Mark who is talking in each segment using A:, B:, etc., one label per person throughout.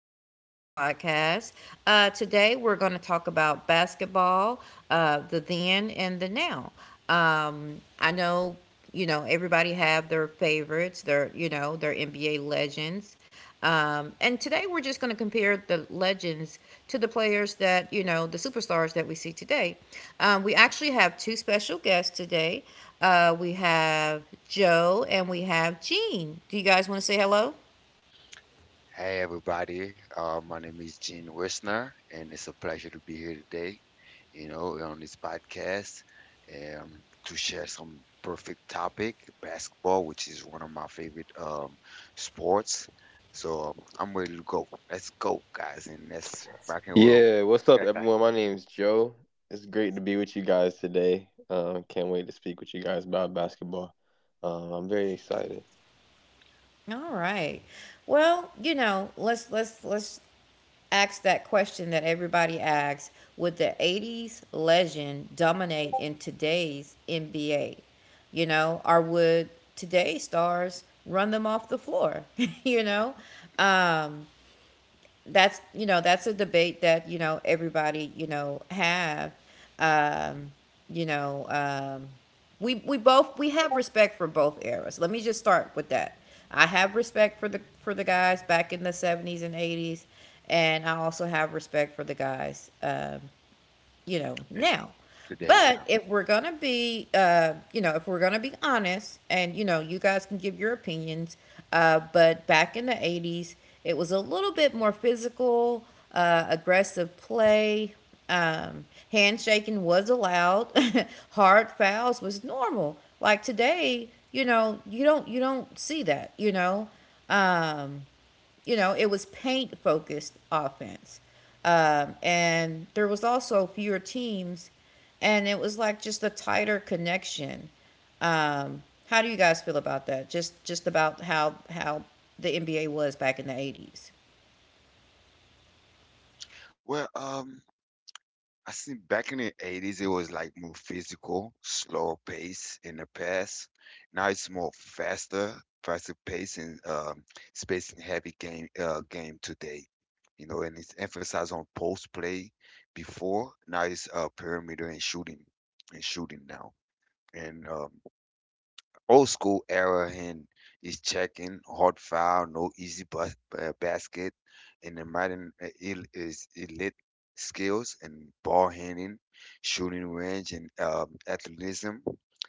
A: to Kimberly's podcast. Today, we're going to talk about basketball, the then and the now. I know, everybody have their favorites, their, their NBA legends. And today, we're just going to compare the legends to the players that, the superstars that we see today. We actually have two special guests today. We have Joe and we have Gene. Do you guys want to say hello?
B: Hey everybody, my name is Gene Wisner, and it's a pleasure to be here today, you know, on this podcast, to share some perfect topic, basketball, which is one of my favorite sports. So, I'm ready to go. Let's go, guys, and let's rock and roll.
A: All right. Well, let's ask that question that everybody asks. Would the '80s legend dominate in today's NBA? Or would today's stars run them off the floor? you know? Um that's a debate that everybody have. Um you know um we we both we have respect for both eras. Let me just start with that. I have respect for the guys back in the '70s and '80s, and I also have respect for the guys,
B: In
A: now.
B: today's
A: But
B: now.
A: if we're gonna be, you know, if we're gonna be honest, and you guys can give your opinions. But back in the '80s, it was a little bit more physical, aggressive play. Um, Handshaking was allowed. Hard fouls was normal. Like today, you don't see that. Um, it was paint focused offense. And there was also fewer teams, and it was like just a tighter connection. Um, how do you guys feel about that? Just about how the NBA was back in the '80s.
B: Well, I see back in the 80s, it was like more physical, slower pace in the past. Now it's more faster, faster pace and spacing heavy game today. You know, and it's emphasized on post play before. Now it's perimeter and shooting now. And old school era and is checking hard foul, no easy basket, and the modern is elite skills and ball handling, shooting range, and athleticism.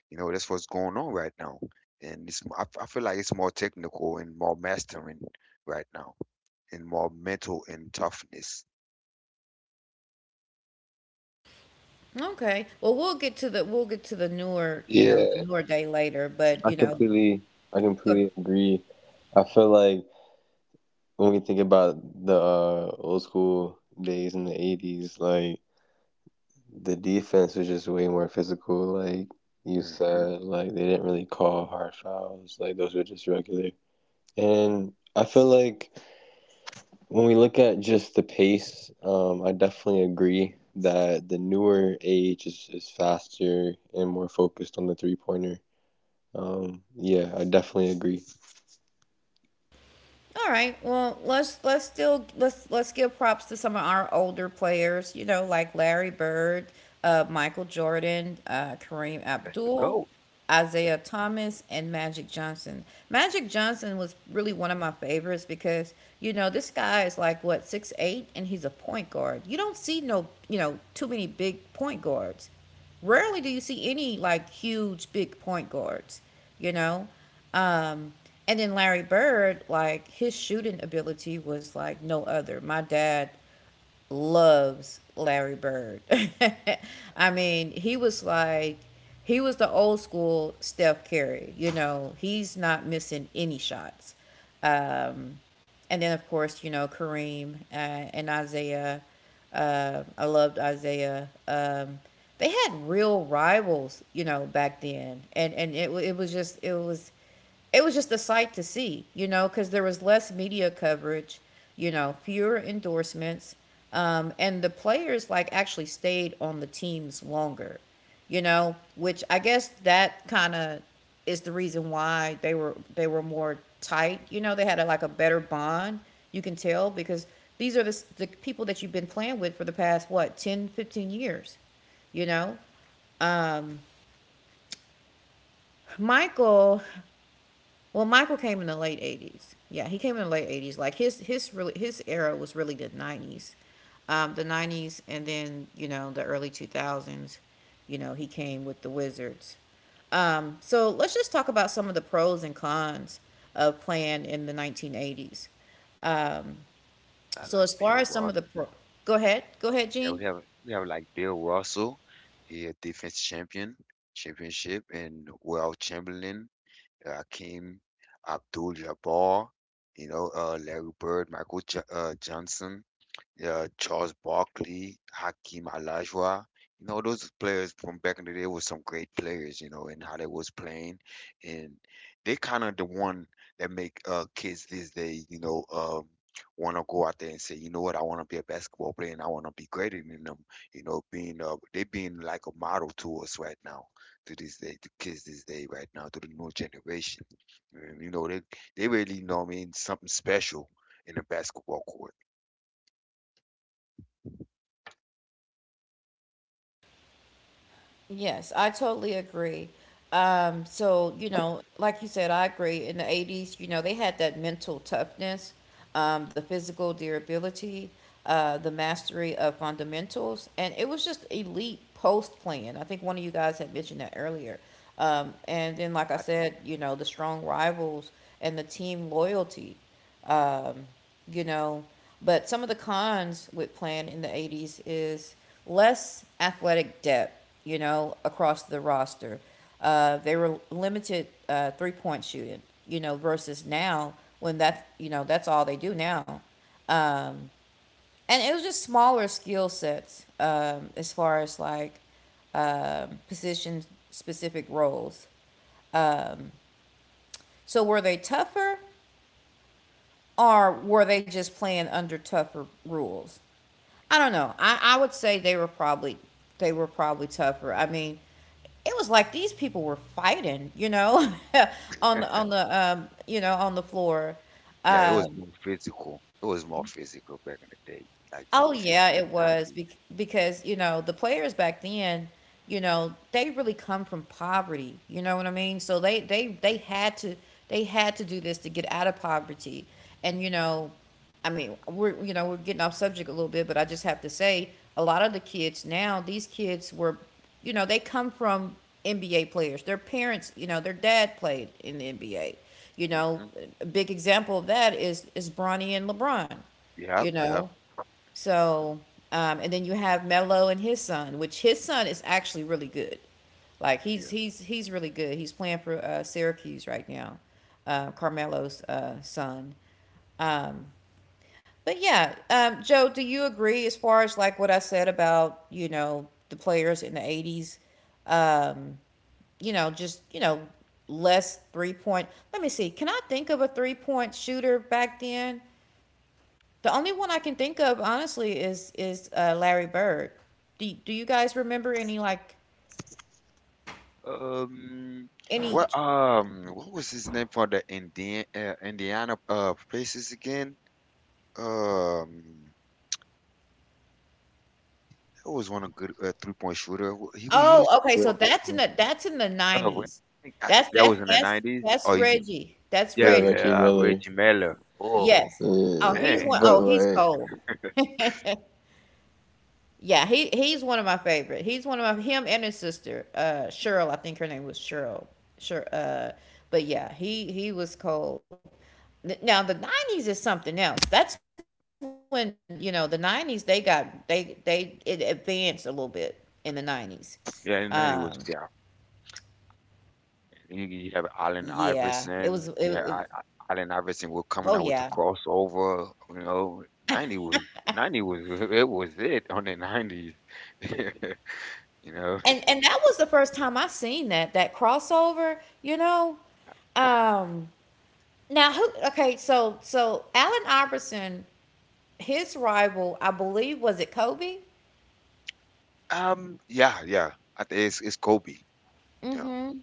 B: You know that's what's going on right now, and I feel like it's more technical and more mastering right now, and more mental and toughness.
A: Okay. Well, we'll get to the newer day later, but go.
B: Hmm.
A: All right. Well, let's still let's give props to some of our older players. Like Larry Bird, Michael Jordan, Kareem
B: The
A: Abdul,
B: GOAT.
A: Isaiah Thomas, and Magic Johnson. Magic Johnson was really one of my favorites because this guy is like what 6'8", and he's a point guard. You don't see no too many big point guards. Rarely do you see any like huge big point guards. You know. Um, and then Larry Bird, like his shooting ability was like no other. My dad loves Larry Bird. I mean, he was the old school Steph Curry. He's not missing any shots. Um, and then of course, Kareem and Isaiah. I loved Isaiah. They had real rivals, back then, and it was just a sight to see, because there was less media coverage, fewer endorsements, and the players like actually stayed on the teams longer, which I guess that kind of is the reason why they were more tight. They had a, like a better bond. You can tell because these are the people that you've been playing with for the past what 10, 15 years. You know um michael Well, Michael came in the late '80s. Yeah, he came in the late '80s. Like his era was really the '90s, and then the early 2000s. He came with the Wizards. So let's just talk about some of the pros and cons of playing in the 1980s. Um,
B: Got
A: so
B: like
A: as far as some
B: Bill.
A: of the pro, go ahead,
B: Yeah,
A: Gene.
B: we have like Bill Russell, he a defense champion, championship, and Will Chamberlain, Hakeem Abdul-Jabbar, you know, Larry Bird, Michael jo Johnson, yeah, Charles Barkley, Hakeem Olajuwon. You know, those players from back in the day were some great players, you know, and how they was playing. And they kind of the one that make kids these days, you know, want to go out there and say, you know what, I want to be a basketball player and I want to be greater than them. You know, being they being like a model to us right now, to this day, to kids this day right now, to the new generation. And, you know, they really know I mean something special in a basketball court.
A: Yes, I totally agree. So, like you said, I agree. In the '80s, they had that mental toughness, the physical durability, the mastery of fundamentals, and it was just elite post playing. I think one of you guys had mentioned that earlier. And then, like I
B: I did.
A: said, the strong rivals and the team loyalty. um, you know. But some of the cons with playing in the '80s is less athletic depth, across the roster. They were limited 3-point shooting, versus now when that's all they do now. And it was just smaller skill sets as far as like position specific roles. So were they tougher or were they just playing under tougher rules? I don't know. I would say they were probably tougher. I mean, it was like these people were fighting, on the floor.
B: Yeah, it was more physical. It was more physical back in the day, like
A: Oh
B: from
A: yeah,
B: 50
A: it
B: to
A: was
B: 90.
A: because the players back then, they really come from poverty. You know what I mean? So they had to do this to get out of poverty. And I mean we're you know we're getting off subject a little bit, but I just have to say a lot of the kids now, they come from NBA players. Their parents, their dad played in the NBA. You know,
B: Mm-hmm.
A: a big example of that is Bronny and LeBron. you
B: Yep, yep,
A: know so, and then you have Melo and his son, which his son is actually really good. Like he's
B: yep.
A: he's he's really good. He's playing for Syracuse right now, Carmelo's son. Um, but yeah, Joe, do you agree as far as like what I said about the players in the '80s? Um, just less 3-point. Let me see. Can I think of a 3-point shooter back then? The only one I can think of, honestly, is Larry Bird. Do you guys remember any like
B: Um,
A: any?
B: what was his name for the Indiana Pacers again? Um, it was one of good 3-point shooter. He was used
A: Oh, okay. So
B: people.
A: that's in the
B: When-
A: nineties.
B: I think that,
A: That's
B: that
A: that's
B: was in the
A: that's
B: nineties.
A: that's
B: Oh, you, mean-
A: Reggie. That's
B: Yeah,
A: Reggie.
B: yeah, Reggie Miller. Oh
A: Yes. Oh, he's one.
B: man,
A: Oh,
B: he was.
A: he's cold. Yeah, he's one of my favorite. He's one of my Him and his sister, Cheryl. I think her name was Cheryl. Sure. But yeah, he was cold. Now the '90s is something else. That's when the '90s they got they it advanced a little bit in the '90s. Um,
B: Yeah, in the nineties was yeah. You have
A: yeah,
B: Allen
A: it was.
B: Iverson. Yeah, Allen Iverson
A: Oh
B: was coming
A: yeah,
B: out with the crossover. You know, ninety was ninety was it was it on the nineties. You know,
A: and that was the first time I seen that crossover. Um, Now who? Okay, so Alan Iverson, his rival, I believe, was it Kobe?
B: yeah, yeah. I think it's Kobe. Yeah,
A: Mm-hmm.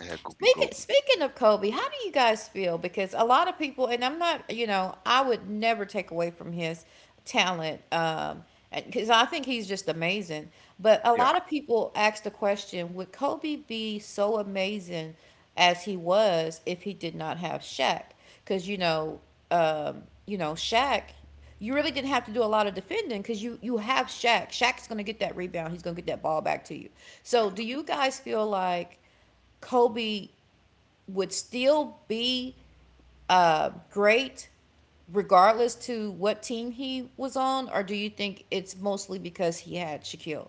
B: yeah, it could be
A: Speaking
B: Kobe.
A: speaking of Kobe, how do you guys feel? Because a lot of people, and I'm not, I would never take away from his talent, because I think he's just amazing. But a
B: Yeah,
A: lot of people ask the question: Would Kobe be so amazing as he was if he did not have Shaq? Because Shaq, you really didn't have to do a lot of defending because you have Shaq. Shaq's gonna get that rebound. He's gonna get that ball back to you. So, do
B: yeah.
A: you guys feel like? Kobe would still be great regardless to what team he was on, or do you think it's mostly because he had Shaquille?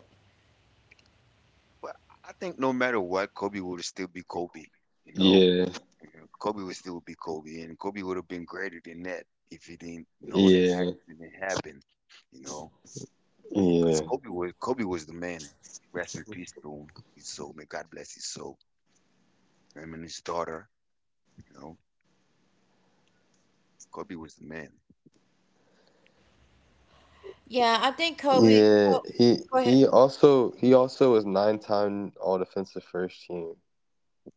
B: But I think no matter what, Kobe would still be Kobe. You know, You know, Kobe would still be Kobe, and Kobe would have been greater than that if he didn't know that accident happened. You know. Yeah, because Kobe was the man. Rest in peace to him. His soul, may God bless his soul. Him and his daughter, you know, Kobe was the man.
A: Yeah, I think Kobe. Go ahead.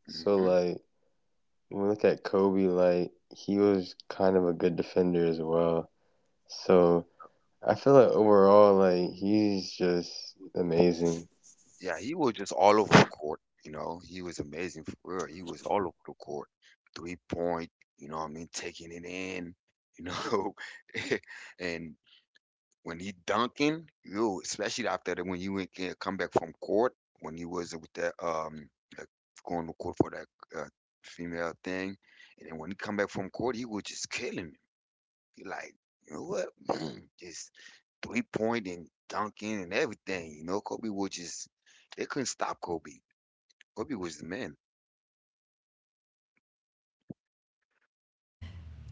B: Hmm. Yeah, he was just all over the court. You know, he was amazing for real. He was all over the court, 3-point. You know, what I mean, taking it in. You know, and when he dunking, you especially when you went, come back from court, when he was with that like going to court for that uh, female thing, and then when he come back from court, he was just killing him. He like, you know what? Boom, just 3-point and dunking and everything. You know, Kobe was just they couldn't stop Kobe. Kobe was the man.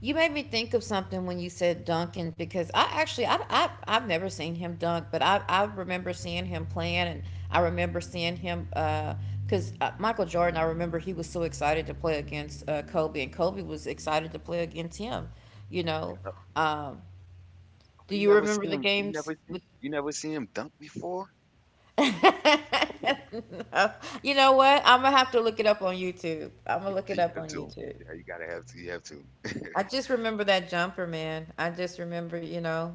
A: You made me think of something when you said Duncan because I actually I I've never seen him dunk, but I remember seeing him playing and I remember seeing him 'cause because Michael Jordan, I remember he was so excited to play against Kobe and Kobe was excited to play against him. You know, um, do
B: Oh, you
A: you
B: never
A: remember
B: see
A: the
B: him. You
A: games
B: never see,
A: with?
B: you never see him dunk before.
A: No. You know what? I'm gonna have to look it up on YouTube. I'm gonna look
B: Yeah,
A: it
B: you
A: up
B: have
A: on
B: to.
A: YouTube.
B: Yeah, you gotta have to. You have to.
A: I just remember that jumper, man. I just remember.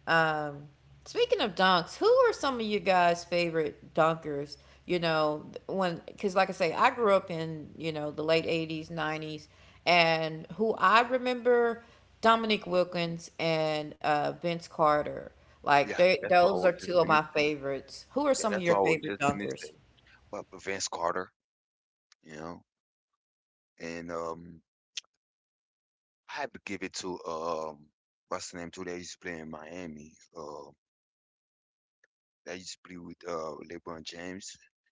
A: Um, Speaking of dunks, who are some of you guys' favorite dunkers? You know, when because like I say, I grew up in the late '80s, '90s, and who I remember Dominique Wilkins and Vince Carter. Like
B: Yeah, that's what I
A: those are
B: was just
A: two of my
B: finished. saying.
A: favorites. Who are
B: Yeah,
A: some of
B: that's
A: your
B: what I was
A: favorite
B: just finished
A: dunkers?
B: saying. But Vince Carter, you know, and I have to give it to what's the name too? That used to play in Miami. I used to play with LeBron James.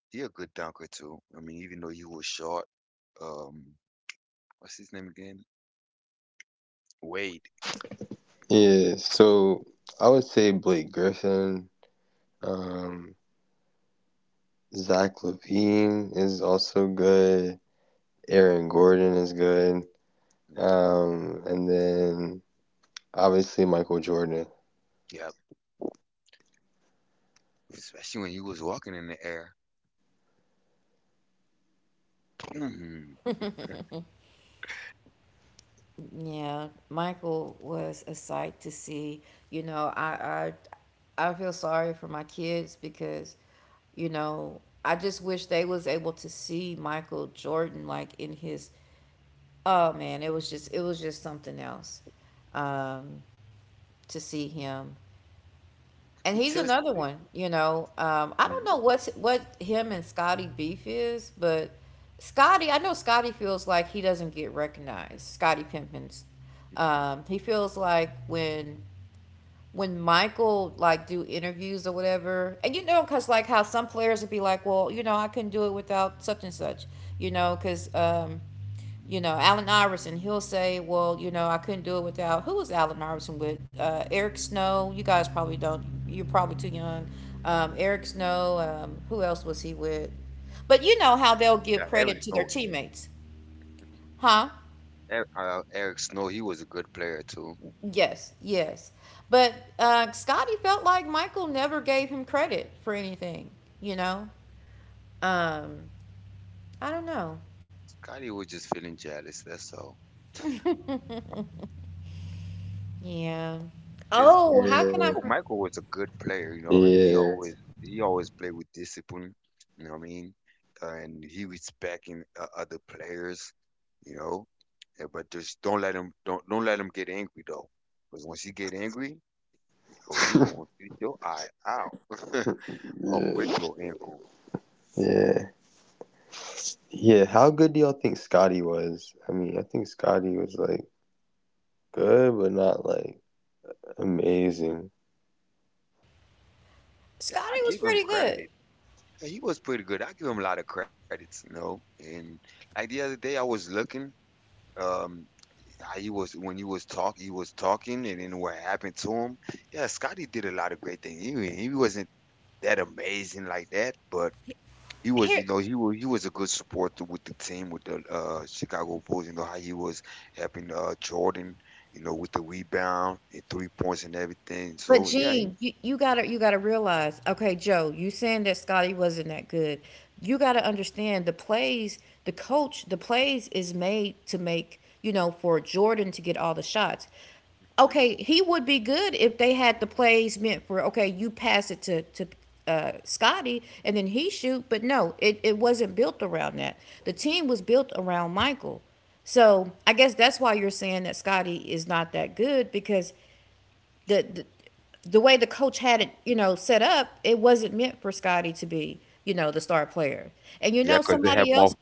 B: He a good dunker too. I mean, even though he was short, um, what's his name again? Wade. You know? Hmm. Yep. Especially when he was walking in the air. Hmm.
A: Yeah, Michael was a sight to see. You know, I I feel sorry for my kids because, I just wish they was able to see Michael Jordan like in his oh man, it was just something else. Um to see him. And he's
B: Until.
A: another one. I don't
B: Mhm.
A: know what him and Scotty beef is, but Scotty, I know Scotty feels like he doesn't get recognized. Scotty Pimpins, he feels like when Michael like do interviews or whatever. And you know, cause like how some players would be like, well, you know, I couldn't do it without such and such. You know, cause you know, Allen Iverson, he'll say, well, you know, I couldn't do it without who was Allen Iverson with? Eric Snow. You guys probably don't. You're probably too young. Eric Snow. Who else was he with? But you know how they'll give
B: Yeah, Eric
A: credit to their
B: Snow.
A: teammates, huh?
B: Eric Snow, he was a good player too.
A: Yes, yes. But Scotty felt like Michael never gave him credit for anything, you know? Um, I don't know.
B: Scotty was just feeling jealous. That's all.
A: Yeah.
B: It's
A: Oh, how can I?
B: Michael Michael was a good player, you know what I mean? He always played with discipline, you know what I mean? And he respecting other players, you know. Yeah, but just don't let him get angry though, because once he get angry, oh he gonna shoot your eye out or break your ankle. Yeah,
A: Scotty
B: I
A: was
B: give him
A: pretty good.
B: credit. Yeah, he was pretty good. I give him a lot of credits, you know. And like the other day, I was looking. Um, how you was when you was talk he was talking and then what happened to him. Yeah, Scotty did a lot of great things. He wasn't that amazing like that, but he was
A: Here,
B: you know he was a good supporter with the team with the Chicago Bulls. You know how he was helping Jordan, you know with the rebound and 3 points and everything.
A: but
B: So yeah, he,
A: Gene, you gotta realize, okay, Joe, you saying that Scotty wasn't that good. You gotta understand the plays, the coach, the plays is made to make, you know, for Jordan to get all the shots.
B: Mhm.
A: Okay, he would be good if they had the plays meant for okay, you pass it to Scotty and then he shoot, but no, it wasn't built around that. The team was built around Michael. So I guess that's why you're saying that Scotty is not that good because the, the the way the coach had it, you know, set up, it wasn't meant for Scotty to be, you know, the star player. And you
B: Yeah,
A: know,
B: 'cause they have
A: somebody else,
B: more.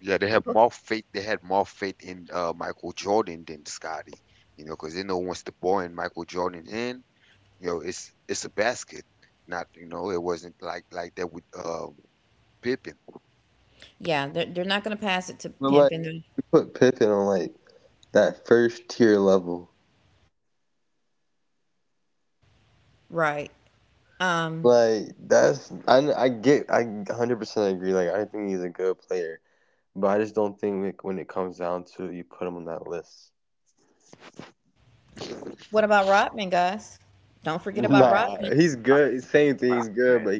B: Yeah, they have more faith. They had more faith in Michael Jordan than Scotty, you know, because they know once the ball and Michael Jordan in, you know, it's a basket. Not, you know, it wasn't like that with Pippen.
A: yeah, they're not going to pass it to Pimp and then- Right. Um, what about Rodman, guys? Don't forget
B: Oh
A: about
B: man, that
A: Rodman.
B: man, Rob man.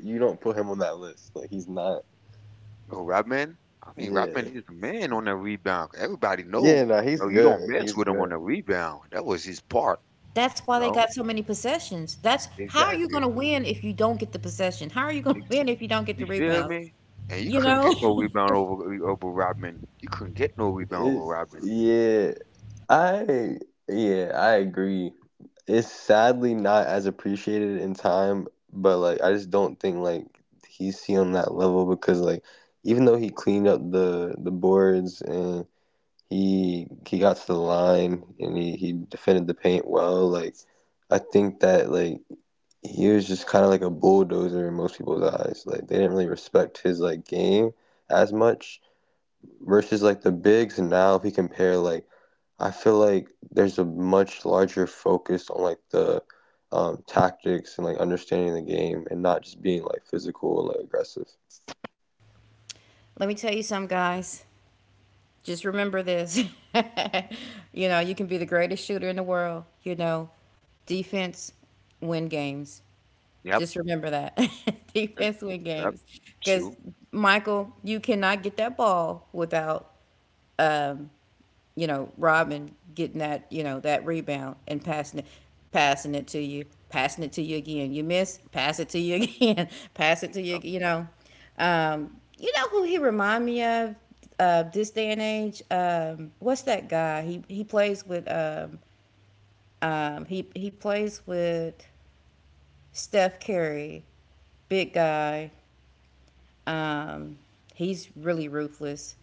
B: Oh, Rob man. I mean, Rob man is a man on the rebound. Everybody know, you don't mess with him on the rebound. That was his part,
A: That's
B: you
A: why they
B: know.
A: got so many possessions. That's how are you going
B: Exactly.
A: to win if you don't get the possession? How are you going to
B: Ex-
A: win if you don't get
B: You
A: the
B: feel
A: rebounds?
B: me? And you
A: You
B: couldn't
A: know,
B: get no rebound over Rodman. You couldn't get no rebound over Rodman.
A: let me tell you some guys. Just remember this. you know, you can be the greatest shooter in the world. You know, defense win games.
B: Yep.
A: Just remember that.
B: Mm.
A: defense win
B: Yep.
A: games. Because
B: Two.
A: Michael, you cannot get that ball without um, you know, Robin getting that, you know, that rebound and passing it to you, passing it to you again. You miss, pass it to you again, pass it to you,
B: Oh,
A: you know. You know who he remind me of this day and age? What's that guy? He plays with he plays with Steph Curry, big guy. Um, he's really ruthless.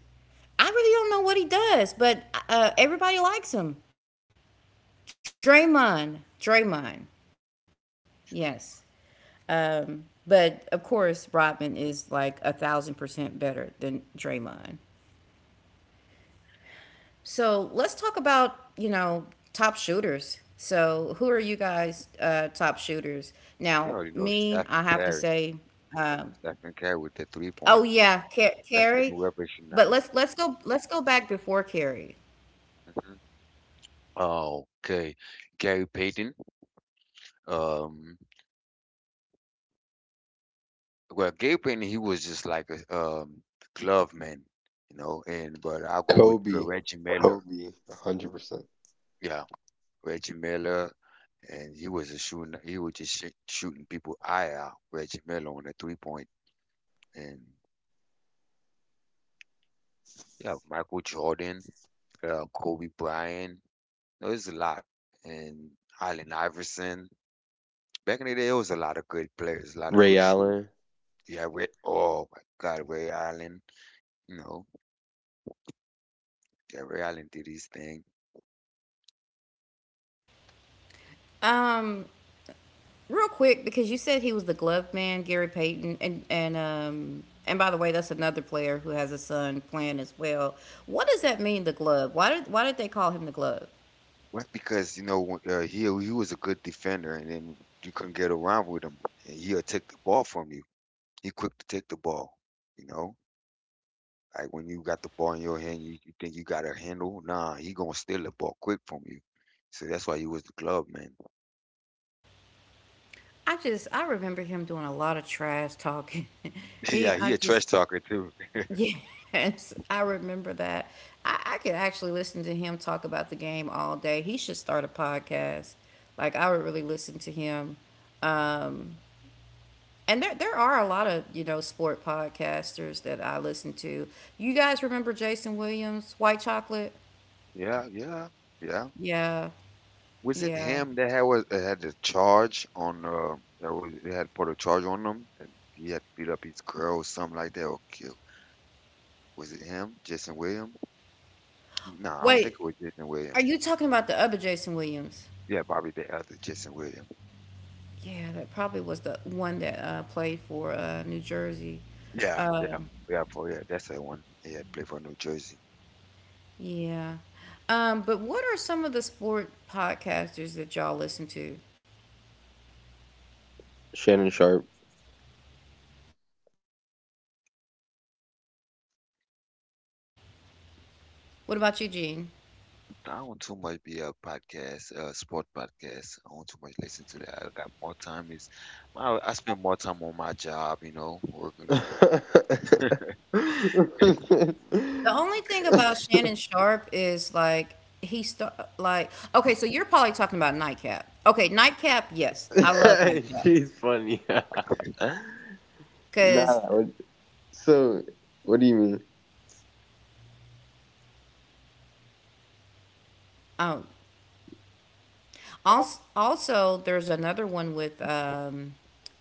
A: I really don't know what he does, but everybody likes him. Draymond, yes.
B: shit.
A: But of course, Rodman is like 1000% better than Draymond. So let's talk about, you know, top shooters. So who are you guys top shooters? Now,
B: You already know
A: me,
B: Steph
A: I
B: and
A: have to
B: Curry.
A: say, um,
B: Steph and Curry with the three
A: oh
B: point.
A: yeah,
B: That
A: Carrie.
B: were
A: But
B: recognized.
A: let's go back before Carrie.
B: Mhm. Okay, Gary Payton. Um, well, Gary Payton, he was just like a glove man, you know. And but I'll go with Reggie Miller. Yeah, Reggie Miller, and he was a shooting. He was just sh shooting people eye out. Reggie Miller on a 3-point, and yeah, Michael Jordan, Kobe Bryant. There was a lot, and Allen Iverson. Back in the day, there was a lot of good players, a lot of good shooters. Yeah, Ray. Oh my God, Ray Allen. You know, yeah, Ray Allen did his thing.
A: Um, Real quick, because you said he was the glove man, Gary Payton, and by the way, that's another player who has a son playing as well. What does that mean, the glove? Why did they call him the glove?
B: What? Because you know, he was a good defender, and then you couldn't get around with him, and he'll take the ball from you. He quick to take the ball. You know, like when you got the ball in your hand, you think you got a handle. Nah, he gonna steal the ball quick from you. So that's why he was the glove man.
A: I just I remember him doing a lot of trash talking. he
B: Yeah,
A: I
B: he a
A: just
B: trash talker too.
A: yes, I remember that. I could actually listen to him talk about the game all day. He should start a podcast. Like I would really listen to him and there are a lot of, you know, sport podcasters that I listen to. You guys remember Jason Williams, White Chocolate?
B: Yeah, yeah, yeah.
A: Yeah,
B: Was it
A: yeah.
B: him that had was that had the charge on that was they had put a charge on him and he had beat up his girl or something like that or kill? Was it him, Jason William? No, I don't think
A: Wait,
B: it was Jason William.
A: are you talking about the other Jason Williams?
B: Yeah, Bobby the other Jason William.
A: Yeah, that probably was the one that played for New Jersey.
B: Yeah, yeah,
A: Um,
B: yeah, for yeah, that's the one. He had played for New Jersey.
A: yeah. But what are some of the sport podcasters that y'all listen to? What about you, Gene?
B: I don't too much be a podcast, sport podcast. I don't too much listen to that. I got more time is I spend more time on my job, you know, working.
A: The only thing about Shannon Sharp is like he start like okay, so you're probably talking about Nightcap. Okay, Nightcap, yes, I love Nightcap because um also also there's another one with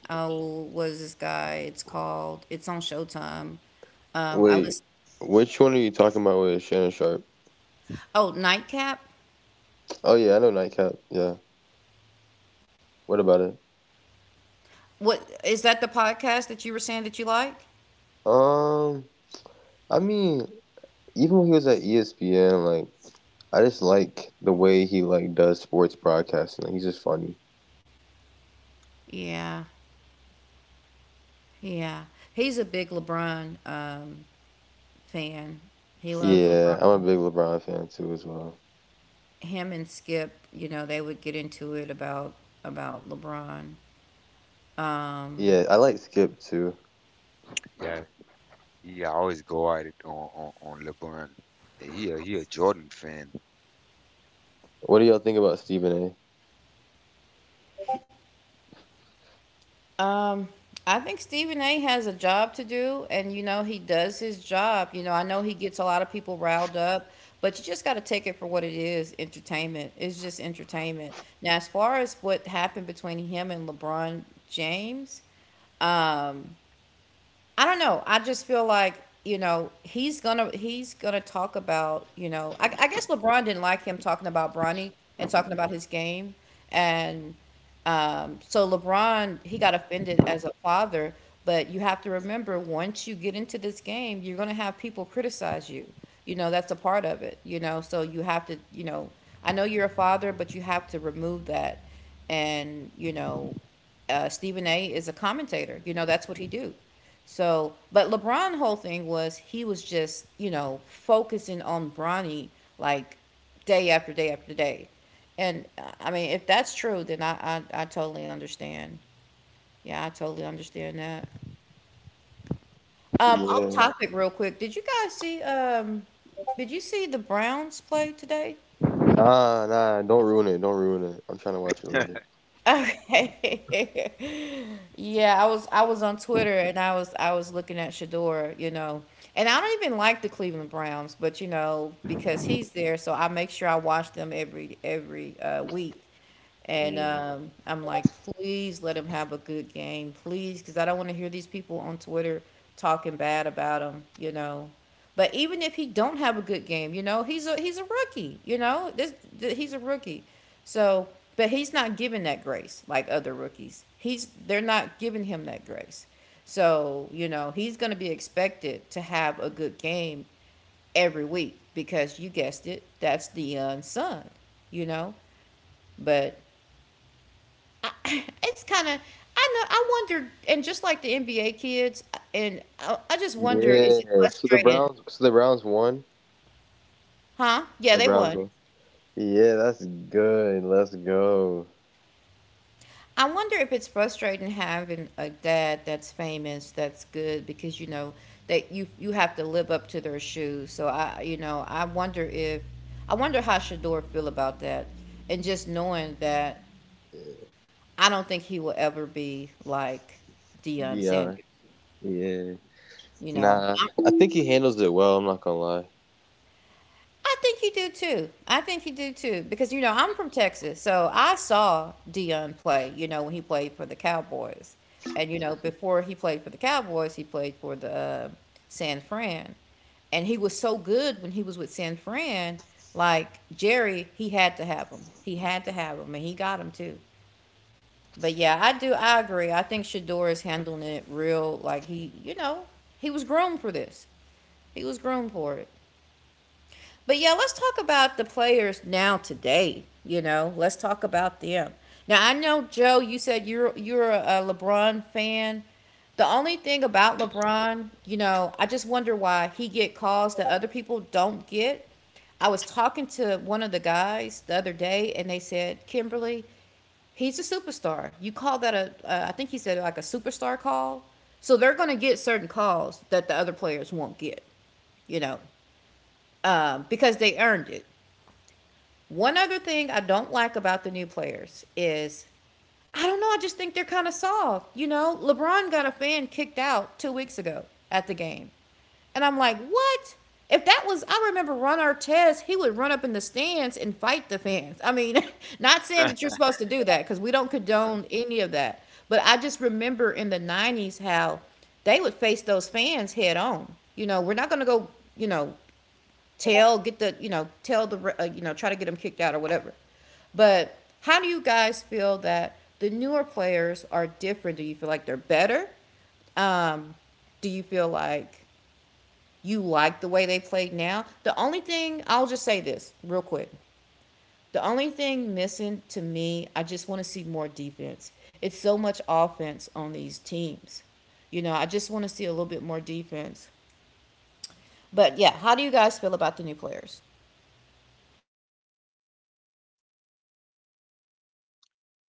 A: oh what is this guy? It's on Showtime. I listen. Oh, Nightcap. What is that? The podcast that you were saying that you like? Yeah, yeah. He's a big LeBron fan. He loves LeBron. Him and Skip, you know, they would get into it about LeBron. Um,
B: Yeah. Yeah, I always go at it on LeBron. Yeah, he a Jordan fan.
A: um, I think Stephen A. has a job to do, and you know he does his job. You know, I know he gets a lot of people riled up, but you just got to take it for what it is. Entertainment. It's just entertainment. Now, as far as what happened between him and LeBron James, um, I don't know. I just feel like you know he's gonna talk about, you know, I guess LeBron didn't like him talking about Bronny and talking about his game and so LeBron, he got offended as a father, but you have to remember once you get into this game, you're going to have people criticize you. You know, that's a part of it, you know. So you have to, you know, I know you're a father, but you have to remove that. And, you know, Stephen A is a commentator. You know, that's what he do. So, but LeBron whole thing was he was just, you know, focusing on Bronny like day after day after day. And I mean, if that's true, then I totally understand. Yeah, I totally understand that. Off topic real quick. Did you guys see did you see the Browns play today? Okay. Yeah, I was on Twitter and I was looking at Shador, you know. And I don't even like the Cleveland Browns, but you know, because he's there, so I make sure I watch them every week. And I'm like, please let him have a good game, please, because I don't want to hear these people on Twitter talking bad about him, you know. But even if he don't have a good game, you know, he's a rookie, you know. He's a rookie. So, but he's not given that grace like other rookies. He's they're not giving him that grace. So, you know, he's going to be expected to have a good game every week because you guessed it, that's the young son, you know? But I, it's kind of I know I wonder and just like the NBA kids and I just wonder is it frustrating? Huh? Yeah, they won. I wonder if it's frustrating having a dad that's famous, that's good, because you know that you have to live up to their shoes. So I, you know, I wonder if I wonder how Shador feel about that, and just knowing that I don't think he will ever be like Deion Sanders. You know, I think you do too. I think you do too because you know I'm from Texas, so I saw Dion play. You know when he played for the Cowboys, and you know before he played for the Cowboys, he played for the San Fran, and he was so good when he was with San Fran. Like Jerry, he had to have him. He had to have him, and he got him too. But yeah, I do. I agree. I think Shador is handling it real. Like he, you know, he was groomed for this. He was groomed for it. But yeah, let's talk about the players now today. You know, let's talk about them. Now I know Joe, you said you're a LeBron fan. The only thing about LeBron, you know, I just wonder why he get calls that other people don't get. I was talking to one of the guys the other day, and they said, Kimberly, he's a superstar. You call that a, I think he said like a superstar call. So they're going to get certain calls that the other players won't get, you know, because they earned it. One other thing I don't like about the new players is I don't know, I just think they're kind of soft. You know, LeBron got a fan kicked out 2 weeks ago at the game. And I'm like, what? If that was, I remember Ron Artest, he would run up in the stands and fight the fans. I mean, not saying that you're supposed to do that because we don't condone any of that. But I just remember in the 90s how they would face those fans head on. You know, we're not going to go, you know, tell get the you know tell the you know try to get them kicked out or whatever, but how do you guys feel that the newer players are different? Do you feel like they're better? um do you feel like you like the way they played now? The only thing I'll just say this real quick, the only thing missing to me, I just want to see more defense. It's so much offense on these teams, you know, I just want to see a little bit more defense. But yeah, how do you guys feel about the new players?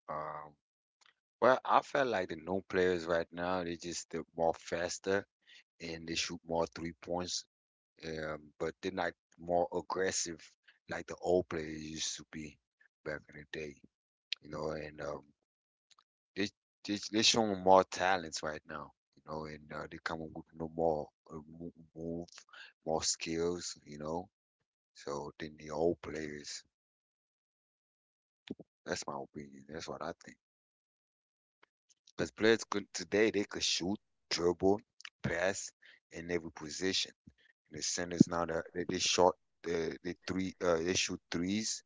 B: Um, well, I felt like the new players right now, they just they're more faster and they shoot more 3 points, but they're not more aggressive like the old players used to be back in the day, you know. And they they showing more talents right now, you know, and they coming with no more move, more skills, you know. So than the old players. That's my opinion. That's what I think. Because players could today they could shoot, dribble, pass in every position. The centers now that they shot the they three they shoot threes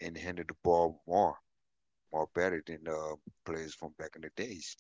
B: and handle the ball more better than players from back in the days.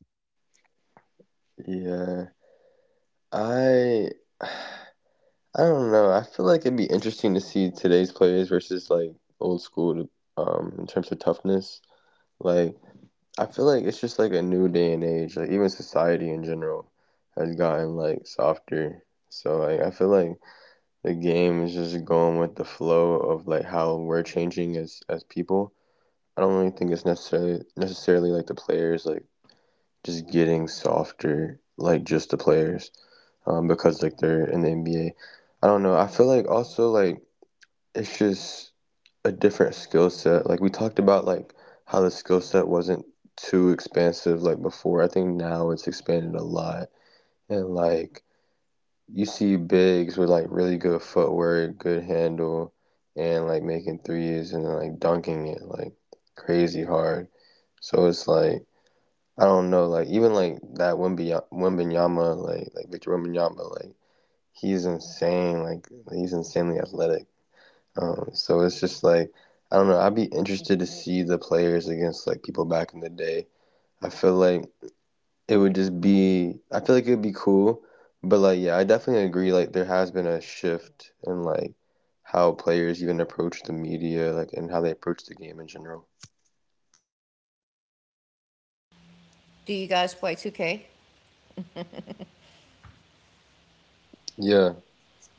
A: Do you guys play 2K?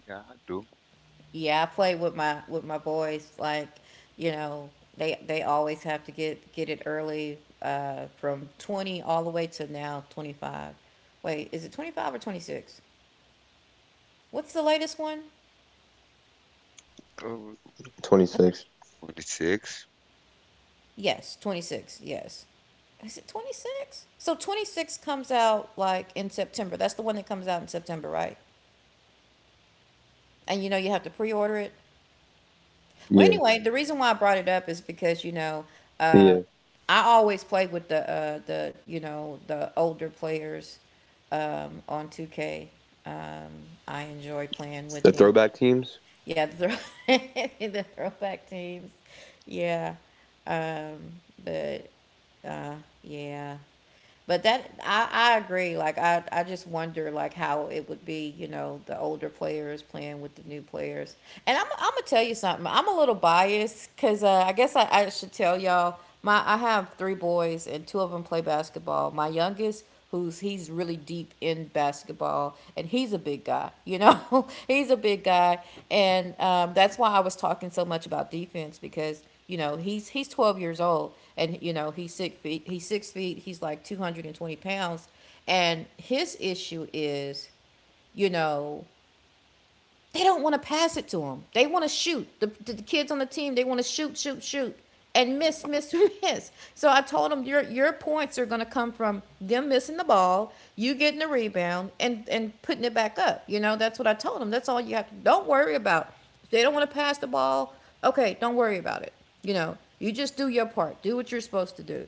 B: Yeah, I do.
A: Yeah, I play with my boys. Like, you know, they always have to get it early from 20 all the way to now 25. Wait, is it 25 or 26? What's the latest one?
B: Uh,
A: I think
B: 26.
A: Yes, 26. Yes, is it 26? So 26 comes out like in September. That's the one that comes out in September, right? And you know you have to pre order it. Well, anyway, the reason why I brought it up is because, uh, I always play with the you know the older players on 2K. Um, I enjoy playing with them. Yeah, the, throw- the throwback teams. Yeah, um, but uh, yeah. But that I agree. Like I just wonder like how it would be, you know, the older players playing with the new players. And I'm gonna tell you something. I'm a little biased because I guess I should tell y'all my I have three boys, and two of them play basketball. My youngest, who's he's really deep in basketball, and he's a big guy, you know, he's a big guy. And that's why I was talking so much about defense, because you know, he's 12 years old, and you know he's 6 feet. He's 6 feet. He's like 220 pounds, and his issue is, you know, they don't want to pass it to them. They want to shoot. The kids on the team, they want to shoot, shoot, shoot, and miss, miss, miss. So I told them your points are going to come from them missing the ball, you getting the rebound, and putting it back up. You know, that's what I told them. That's all you have to do. Don't worry about. If they don't want to pass the ball, okay, don't worry about it. You know, you just do your part. Do what you're supposed to do.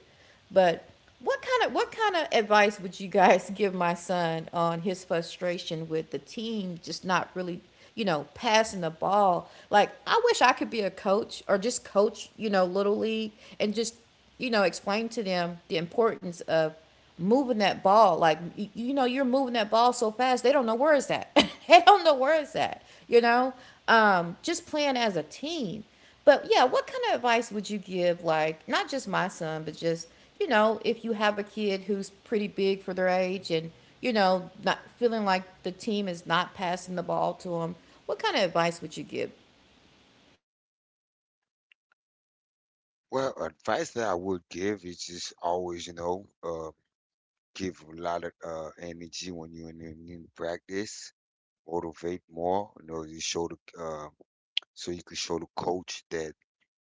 A: But what kind of advice would you guys give my son on his frustration with the team just not really, you know, passing the ball? Like I wish I could be a coach, or just coach, you know, little league and just, you know, explain to them the importance of moving that ball. Like you know, you're moving that ball so fast, they don't know where it's at. They don't know where it's at. You know, just playing as a team. But yeah, what kind of advice would you give, like, not just my son, but just, you know, if you have a kid who's pretty big for their age and, you know, not feeling like the team is not passing the ball to them, what kind of advice would you give?
B: Well, advice that I would give is just always, give a lot of energy when you're in practice, motivate more, you know, you show the so you can show the coach that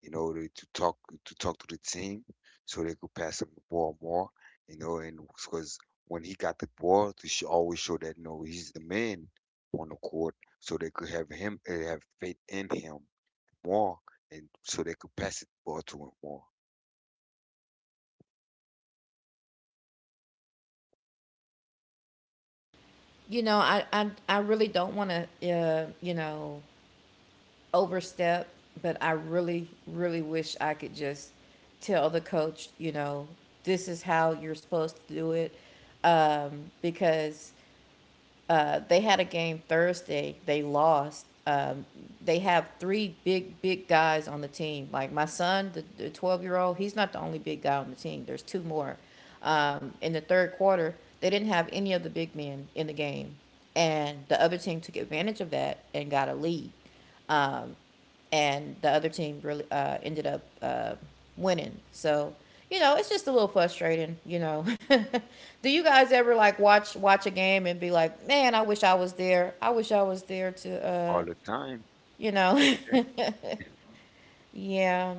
B: you know to talk to talk to the team so they could pass him the ball more, you know, and because when he got the ball, to sh always show that you know he's the man on the court, so they could have him have faith in him more, and so they could pass the ball to him more
A: You know, I really don't want to, you know, overstep, but I really, really wish I could just tell the coach, you know, this is how you're supposed to do it. Because They had a game Thursday. They lost. They have three big, big guys on the team. Like my son, the 12-year-old, he's not the only big guy on the team. There's two more. In the third quarter, they didn't have any of the big men in the game. And the other team took advantage of that and got a lead. Um, and the other team really ended up winning. So you know, it's just a little frustrating. You know, do you guys ever like watch a game and be like, man, I wish I was there. I wish I was there to,
B: all the time.
A: you know, yeah.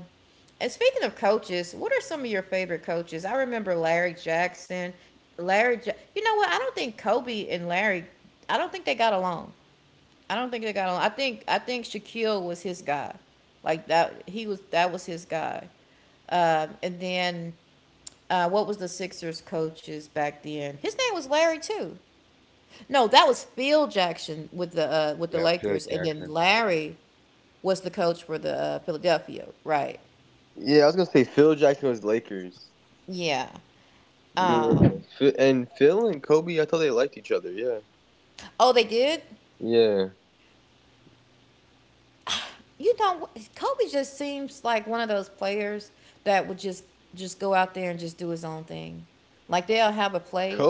A: And speaking of coaches, what are some of your favorite coaches? I remember Larry Jackson. You know what? I don't think Kobe and Larry, I don't think they got along. I don't think they got along. I think Shaquille was his guy, like that. He was That was his guy. And then what was the Sixers coaches back then? His name was Larry too. No, that was Phil Jackson with the
B: Yeah, Phil
A: Lakers, and then
B: Jackson.
A: Larry was the coach for the Philadelphia, right? Yeah. Oh, they did. You know, Kobe just seems like one of those players that would just go out there and just do his own thing. Like they'll have a play.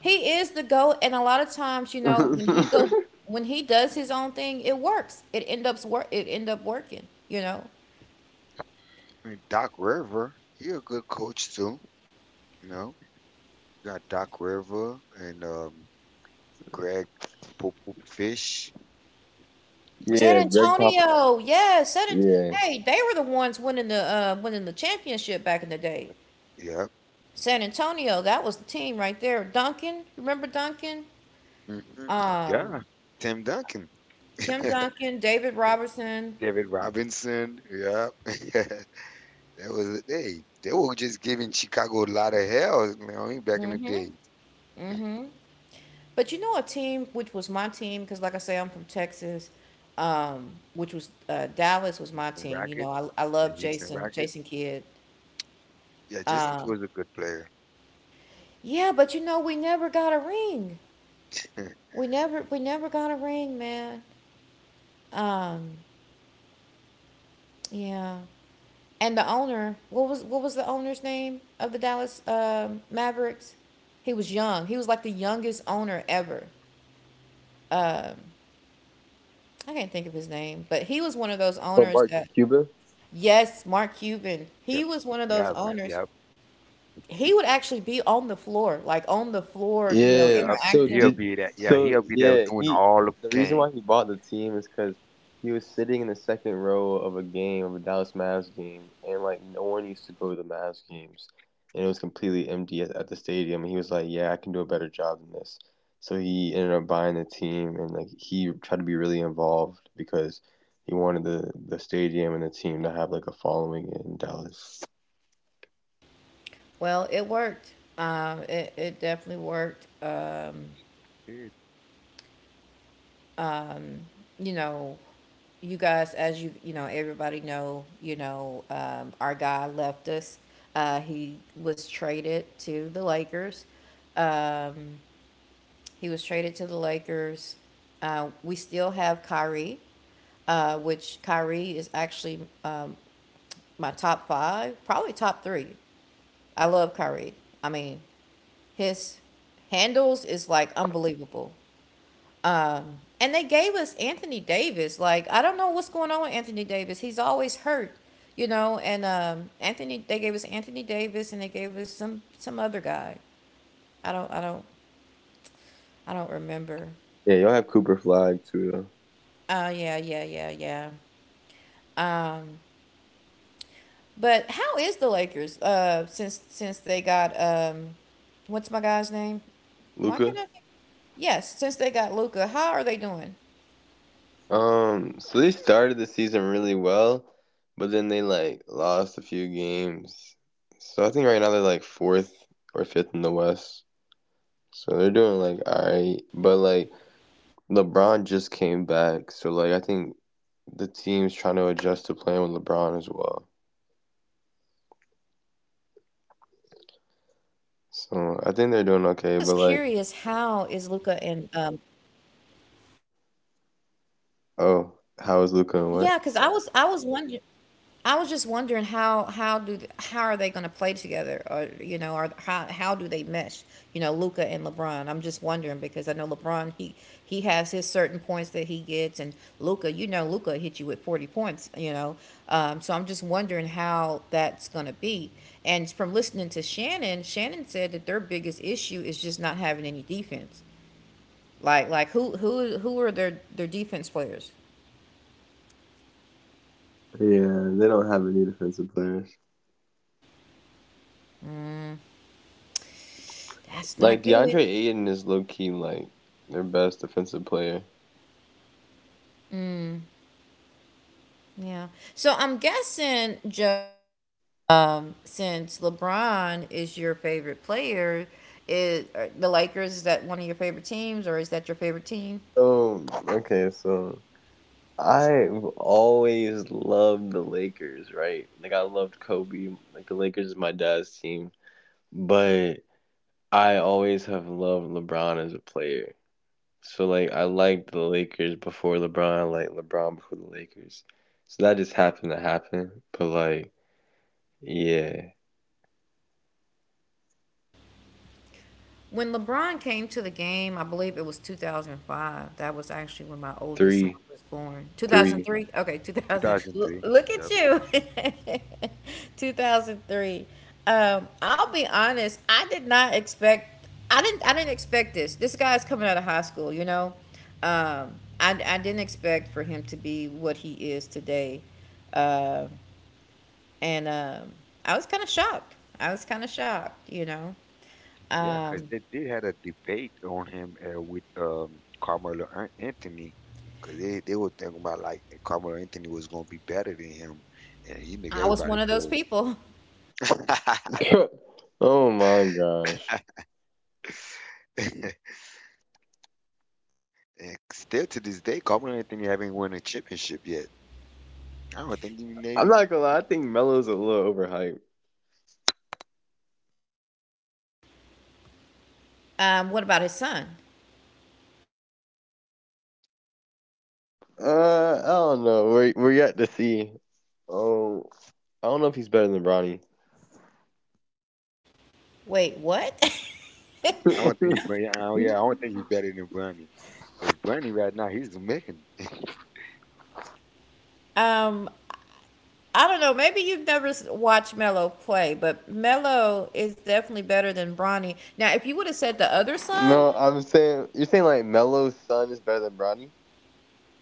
A: He is the goat, and a lot of times, you know, when he does his own thing, it works. It end up working. You know,
B: And Doc River, he a good coach too. You know, you got Doc River and Greg Poop Poop Fish.
A: San Antonio, yeah, hey, they were the ones winning the championship back in the day.
B: Yep.
A: San Antonio, that was the team right there. Duncan, remember Duncan,
B: Hmm. Yeah. Tim Duncan.
A: Tim Duncan, David Robertson.
B: David Robinson. Yep. that was, hey. They were just giving Chicago a lot of hell. You know what I mean, back in the day.
A: But you know, a team which was my team because, like I say, I'm from Texas. Um, which was Dallas was my
B: Houston
A: team. You
B: Rocket,
A: know, I
B: the
A: love
B: Houston Rocket.
A: Jason Kidd.
B: Yeah, Jason
A: Uh,
B: Kidd was a good player.
A: yeah, but you know, we never got a ring. We never got a ring, man. Um, yeah. And the owner, what was the owner's name of the Dallas Mavericks? He was young. He was like the youngest owner ever. I can't think of his name, but he was one of those owners that, yes, Mark Cuban.
B: Yep.
A: He was one of those
B: Yeah, man.
A: owners.
B: Yep.
A: He would actually be on the floor, like on the floor, you know,
B: Yep.
A: interacting.
B: He'll be that. Yeah, he'll be there doing all the game.
A: Well, it worked. It definitely worked.
B: Dude,
A: You know, you guys, as you know, everybody know, you know, our guy left us. He was traded to the Lakers. Um, he was traded to the Lakers. We still have Kyrie, which Kyrie is actually my top five, probably top three. I love Kyrie. I mean, his handles is like unbelievable. And they gave us Anthony Davis. Like I don't know what's going on with Anthony Davis. He's always hurt, you know. And they gave us Anthony Davis, and they gave us some other guy. I don't, I don't, I don't remember. Uh, yeah, yeah, yeah, yeah. Um, but how is the Lakers? Since they got what's my guy's name? Why can't I think? Yes, since they got Luca, how are they doing? Because I was curious, how is Luca and yeah? Because I was wondering. I was just wondering how are they going to play together, or you know, or how do they mesh? You know, Luca and LeBron. I'm just wondering because I know LeBron, he has his certain points that he gets, and Luca, you know, Luca hit you with 40 points. You know, so I'm just wondering how that's going to be. And from listening to Shannon, Shannon said that their biggest issue is just not having any defense. Like who are their defense players? That's not good. Yeah. So I'm guessing Joe. Since LeBron is your favorite player, is are the Lakers, is that one of your favorite teams, or is that your favorite team? When LeBron came to the game, I believe it was 2005. That was actually when my oldest son was born. 2003? Okay, 2000. Look
B: 2003.
A: at
B: Yep.
A: you. 2003. I'll be honest, I didn't expect this. This guy's coming out of high school, you know. Um, I didn't expect for him to be what he is today. Uh, and I was kind of shocked. I was kind of shocked, you know.
B: Yeah, because
A: Um,
B: they did had a debate on him with Carmelo Anthony. Because they were thinking about like Carmelo Anthony was going to be better than him. And he make
A: I was
B: everybody
A: one of those
B: feel.
A: people.
B: and still to this day, Carmelo Anthony haven't won a championship yet. I don't think he even.
A: What about his son? Wait, what?
B: I don't think he. Oh yeah, I don't think he's better than Bronny. Because Bronny right now he's the man.
A: um, I don't know. Maybe you've never watched Melo play, but Melo is definitely better than Bronny. Now, if you would have said the other son,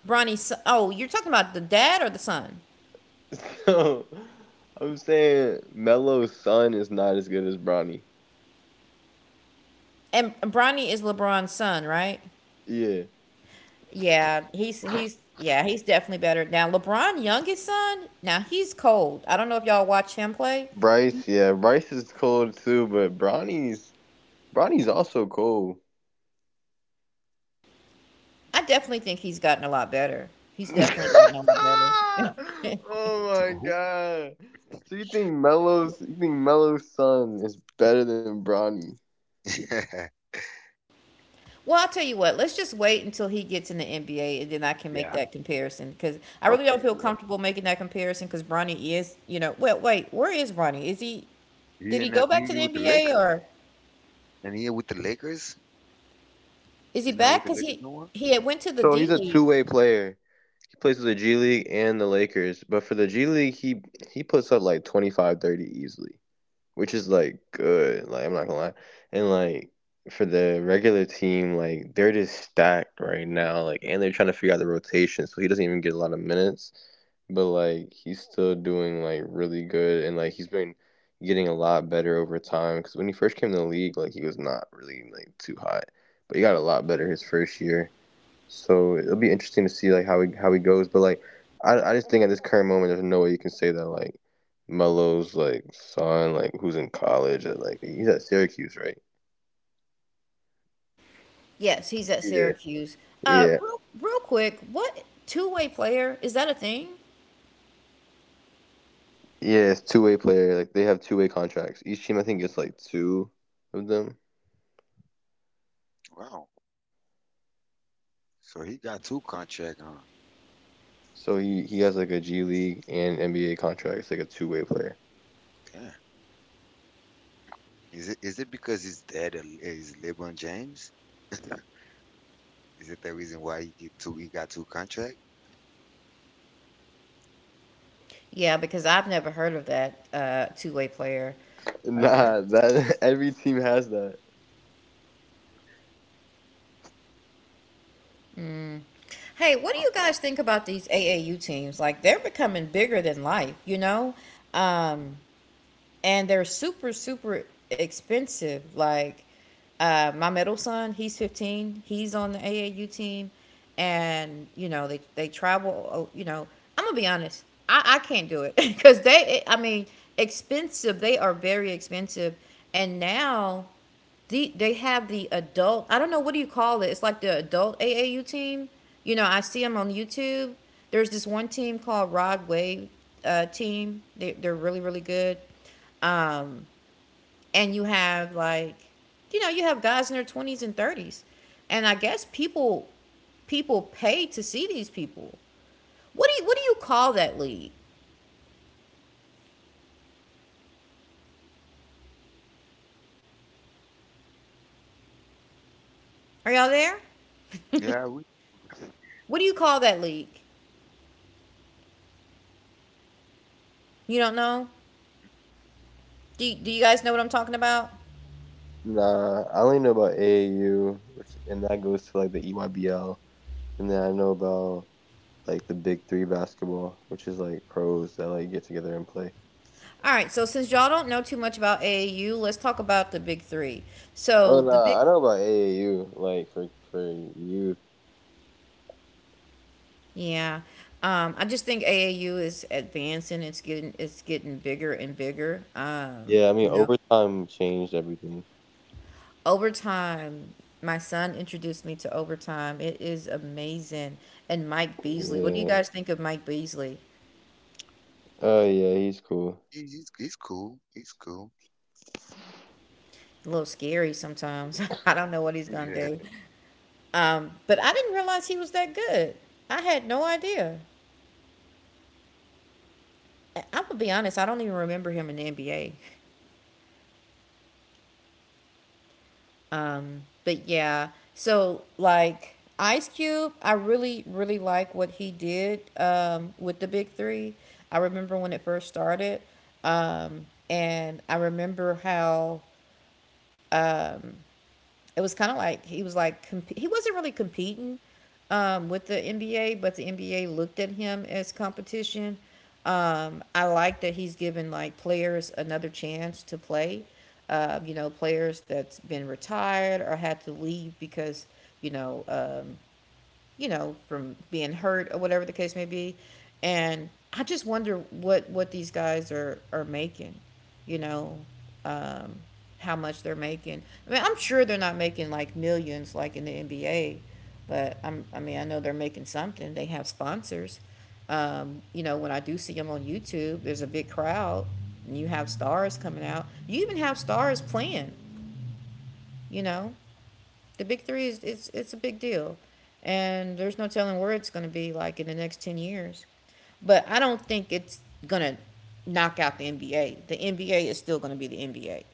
A: Bronny's son, oh, you're talking about the dad or the son? And Bronny is LeBron's son, right? Yeah, he's definitely better. Now LeBron, youngest son, now he's cold. I don't know if y'all watch him play. I definitely think he's gotten a lot better. He's definitely gotten a lot better.
B: so who
A: Well, I'll tell you what. Let's just wait until he gets in the NBA, and then I can make
B: yeah.
A: that comparison. Because I really don't
B: Okay.
A: feel
B: Yep.
A: comfortable making that comparison. Because Bronny is, you know, well, wait, where is Bronny? Is he?
B: He
A: Did he
B: in
A: go
B: that.
A: back to
B: We
A: the
B: with the
A: NBA,
B: Lakers,
A: or
B: and he with the Lakers.
A: is he
B: He's not with
A: back?
B: the
A: Because
B: Lakers no more.
A: he had went to the D League. Yes, he's at Syracuse. Real quick, what two-way player, is that a thing?
B: Wow. So he got two contract, huh? Damn. Is it because his dad is LeBron James? Is it the reason why he get two? He got two contract?
A: Yeah, because I've never heard of that two-way player.
B: Yeah.
A: Hey, what do you
B: Okay.
A: guys think about these AAU teams? Like they're becoming bigger than life, you know? Um, and they're super expensive. Like my middle son, he's 15. He's on the AAU team, and you know they travel. I'm gonna be honest. I can't do it because expensive. They are very expensive, and now they have the adult. I don't know, what do you call it? It's like the adult AAU team. You know, I see them on YouTube. There's this one team called Rod Wave team. They're really really good. um, and you have like, you know, you have guys in their 20s and 30s, and I guess people pay to see these people. What do you call that league? Are y'all there?
B: Yeah. We,
A: What do you call that league? You don't know? Do you guys know what I'm talking about? All right, so since y'all don't know too much about AAU, let's talk about the big three. So the big, yeah, I just think AAU is advancing. It's getting bigger and bigger. You know, Overtime. My son introduced me to overtime. It is amazing. And Mike Beasley. What do you guys think of Mike Beasley?
B: like, he's cool. He's cool.
A: A little scary sometimes. I don't know what he's gonna
B: Yeah.
A: do. But I didn't realize he was that good. I had no idea. I'm gonna be honest. I don't even remember him in the NBA. But yeah, so like Ice Cube, I really, really like what he did with the Big Three. I remember when it first started, um, and I remember how it was kind of like he was like he wasn't really competing with the NBA, but the NBA looked at him as competition. I like that he's given like players another chance to play. Players that's been retired or had to leave because you know um, from being hurt or whatever the case may be. And I just wonder what these guys are making, you know, um, how much they're making. I mean, I'm sure they're not making like millions like in the NBA, but I mean I know they're making something. They have sponsors. When I do see them on YouTube, there's a big crowd, and you have stars coming out. You even have stars playing. You know, the big three is it's a big deal, and there's no telling where it's going to be like in the next 10 years. But I don't think it's going to knock out the NBA. The NBA is still going to be the NBA.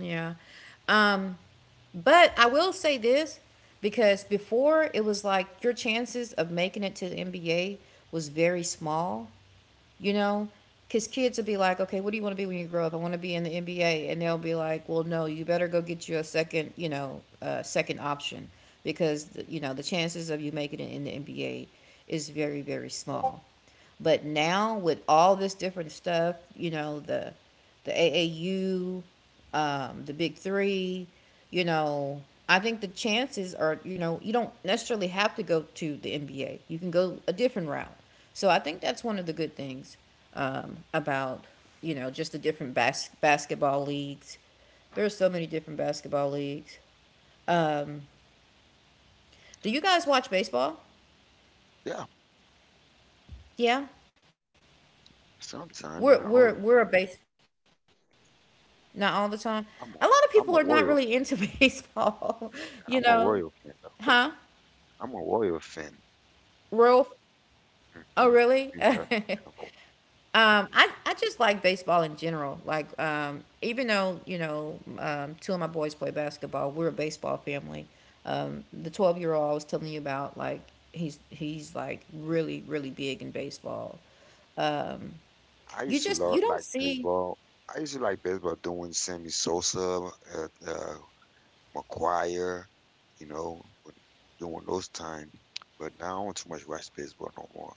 A: Yeah, um, but I will say this because before it was like your chances of making it to the NBA was very small, you know, because kids will be like, okay, what do you want to be when you grow up? I want to be in the NBA. And they'll be like, well no, you better go get you a second, second option, because you know the chances of you making it in the NBA is very very small. But now with all this different stuff, you know, the AAU, the Big Three, you know, I think the chances are, you know, you don't necessarily have to go to the NBA. You can go a different route. So I think that's one of the good things about, you know, just the different basketball leagues. There are so many different basketball leagues. Um, do you guys watch baseball?
B: Yeah.
A: Yeah,
B: Sometime,
A: we're
B: not all
A: we're
B: the
A: we're a
B: time.
A: base. Not all the time. A lot of people
B: I'm
A: are
B: a
A: not really
B: I'm a
A: into
B: Royal fan.
A: baseball, you know.
B: I'm a Royal fan
A: Huh?
B: though. I'm a Royal fan.
A: Real? Oh,
B: Mhm.
A: really?
B: And,
A: I just like baseball in general. Like, even though, two of my boys play basketball, we're a baseball family. The 12-year-old I was telling you about, like, he's like really, really big in baseball.
B: I
A: You
B: used to
A: just, you
B: love
A: don't
B: like
A: see.
B: baseball. I used to like baseball doing Sammy Sosa, McGuire, you know, during those time. But now I don't too much watch baseball no more.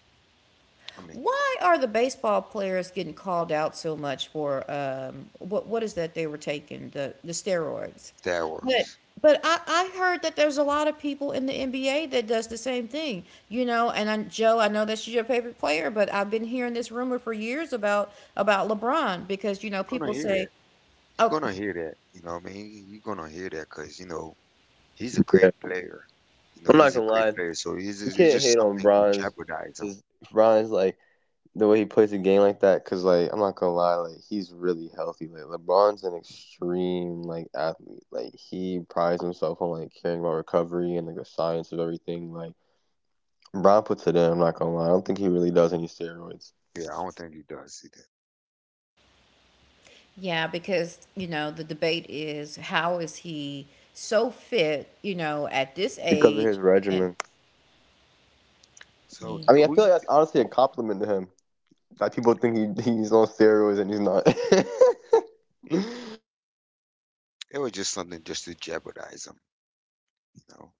B: I mean,
A: Why are the baseball players getting called out so much for what is that they were taking the steroids? But
B: steroids.
A: I heard that there's a lot of people in the NBA that does the same thing, you know. And I, Joe, I know that's your favorite player, but I've been hearing this rumor for years about LeBron because you know
B: You're gonna
A: people
B: hear
A: say,
B: that.
A: oh,
B: You're gonna hear that. You know what I mean? You're gonna hear that because you know he's a great player. You know he's a great player. So he's just, it's just something to jeopardize him. Yeah, I don't think he does either.
A: yeah, because you know the debate is how is he so fit, you know, at this age, and
B: So do you? It was just something just to jeopardize him, you know.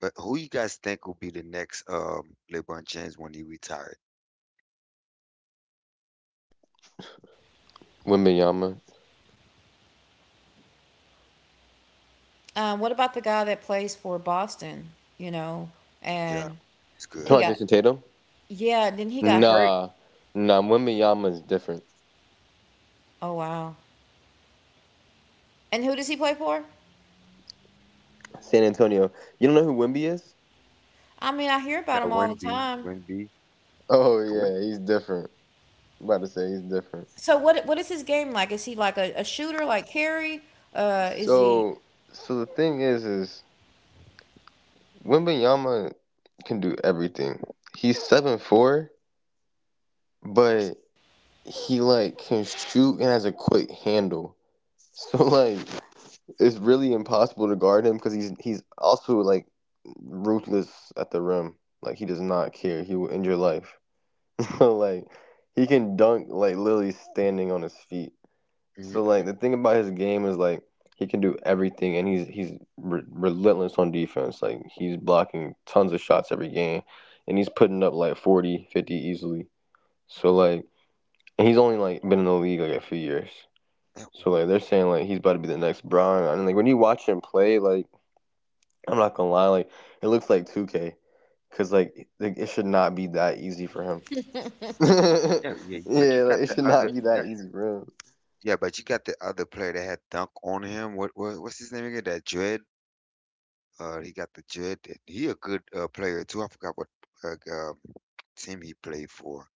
B: But who you guys think will be the next LeBron James when he retired?
A: What about the guy that plays for Boston, you know,
B: Yeah,
A: and
B: it's
A: he
B: good.
A: got, yeah, then he got hurt. Oh wow. And who does he play for? I mean, I hear
B: Yeah,
A: about him all the
B: Wemby,
A: time.
B: Wemby, Wemby.
A: So what is his game like? Is he like a shooter like Carey? Is he
B: Mm-hmm. Yeah, yeah, but you got the other player that had dunk on him. What's his name again? That Dread. He got the Dread. He a good player too. I forgot what uh, um, team he played for.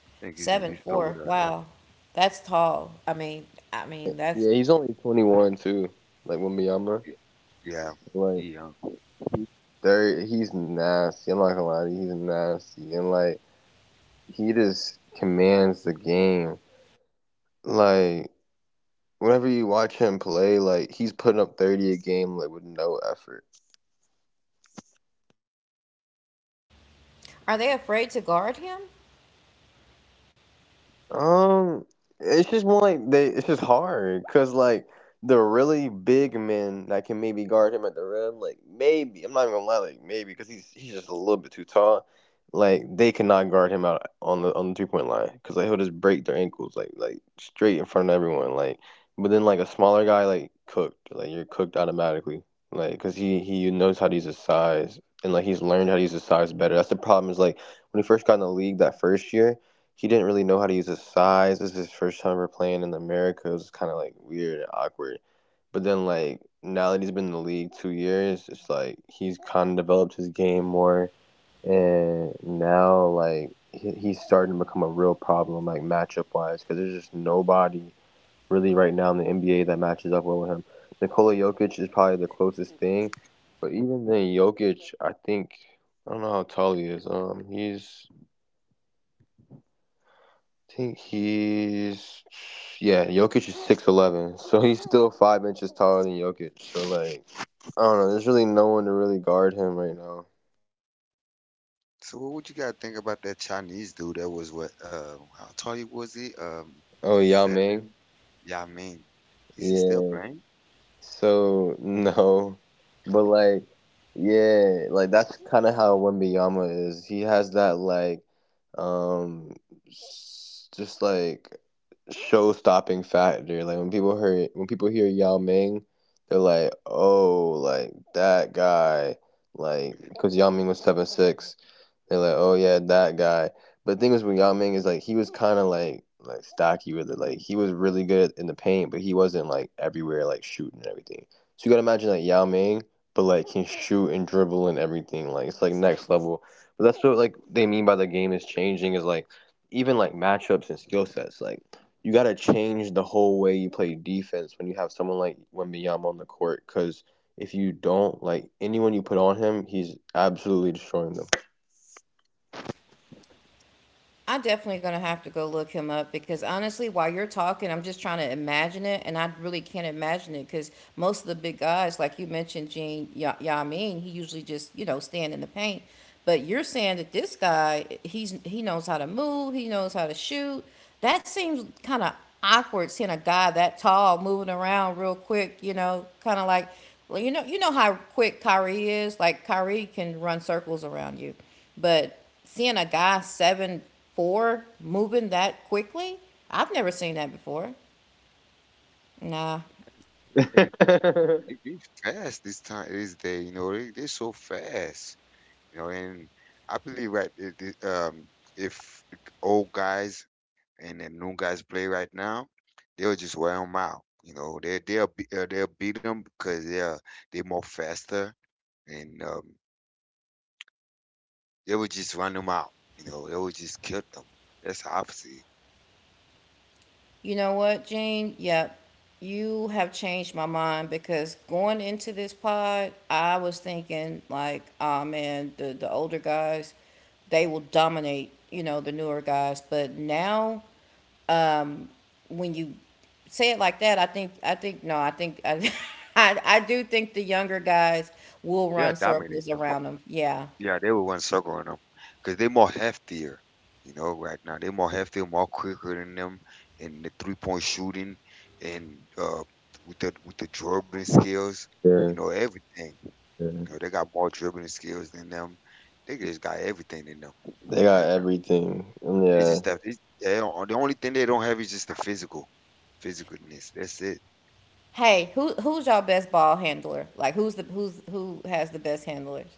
B: I think his name
A: seven
B: is start with
A: four?
B: a.
A: Wow. That's tall. I mean, that's,
B: Yeah, yeah, he young.
A: are they afraid to guard him?
B: So what would you guys think about that Chinese dude that was what how tall he was he? Seven? Yeah, I mean, is he still playing?
A: I am definitely gonna have to go look him up because honestly, while you're talking, I'm just trying to imagine it, and I really can't imagine it because most of the big guys, like you mentioned, Gene Yamin, he usually just you know stand in the paint. But you're saying that this guy, he's, he knows how to move, he knows how to shoot. That seems kind of awkward seeing a guy that tall moving around real quick. You know, kind of like, well, you know how quick Kyrie is. Like Kyrie can run circles around you, but seeing a guy 7 foot four moving that quickly. I've never seen that before. Nah.
B: Hey, they fast this time this day, you know, they so fast. You know, and I believe right if the old guys and the new guys play right now, they'll just wear them out. You know, they'll be, they'll beat them because they more faster and they will just run them out. You know, they will just kill them. That's how I see it.
A: You know what, Gene? Yep. You have changed my mind because going into this pod, I was thinking like, ah man, the older guys, they will dominate, you know, the newer guys. But now, um, when you say it like that, I think no, I think I I do think the younger guys will
B: They'll
A: run circles
B: dominate them.
A: around them. Yeah.
B: Yeah, they were one circle on them because they more heftier, you know, right now. They more heftier, more quicker than them in the 3-point shooting and uh with the dribbling skills, you know, everything. You know, they got more dribbling skills than them. They just got everything in them right now. It's just that it's, they don't. The only thing they don't have is just the physicalness. That's it.
A: Hey, who's y'all best ball handler? Like who has the best handlers?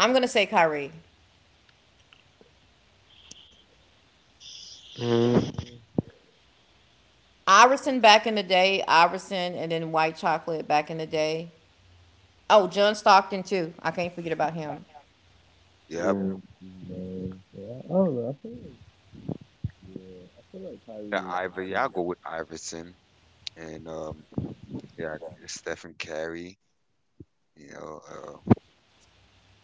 A: I'm gonna say Kyrie. Iverson back in the day, Iverson, and then White Chocolate back in the day. Oh, John Stockton too. I can't forget about him.
B: Yep. Yeah, I'll go with Iverson and yeah, Stephen Curry, you know.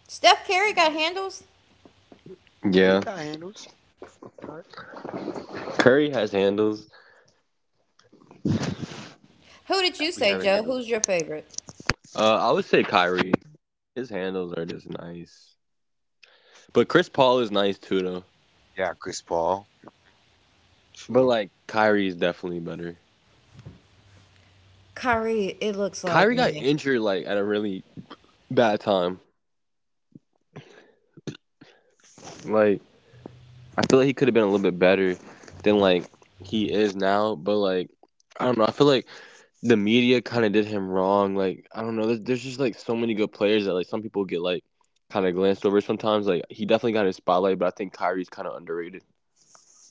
A: Steph Curry got handles.
B: Hey, he got handles. God,
A: Who
B: yeah,
A: did you
B: we have
A: say, Joe?
B: handles.
A: Who's your favorite?
B: Yeah, Chris Paul. True.
A: Kyrie, it looks like me.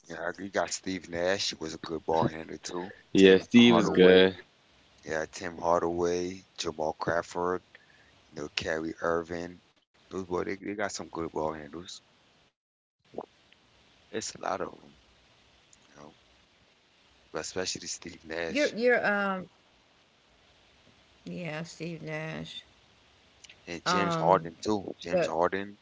B: Yeah, you got Steve Nash was a good ball handler too. Tim
A: Mhm.
B: Hardaway. Yeah, Tim Hardaway, Jamal Crawford, you know, Kyrie Irving. Those boys, they got some good ball handles. It's a lot of them, you know, but especially Steve
A: You're you're
B: Nash
A: um yeah, Steve Nash.
B: and James
A: Um
B: Harden too.
A: but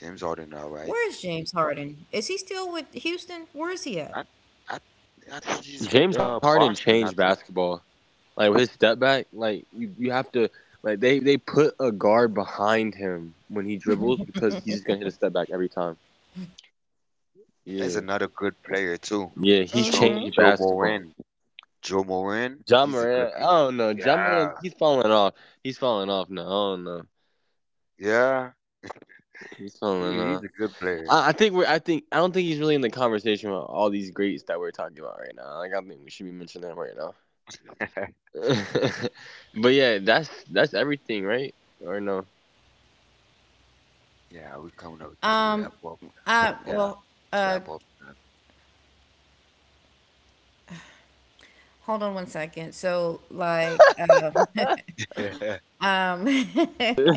B: James Harden, all right.
A: where is
B: And
A: James Harden? Is he still with Houston? Where is he at?
B: I, I, I think he's with Boston. I think. There's another good player too, Joe Moran. Joe Moran, he's a good. Yeah, yeah, he's a good player. Yeah, we're coming up to
A: Um,
B: wrap up now.
A: I
B: Yeah,
A: well,
B: to
A: uh,
B: wrap up.
A: hold on one second. So, like, um,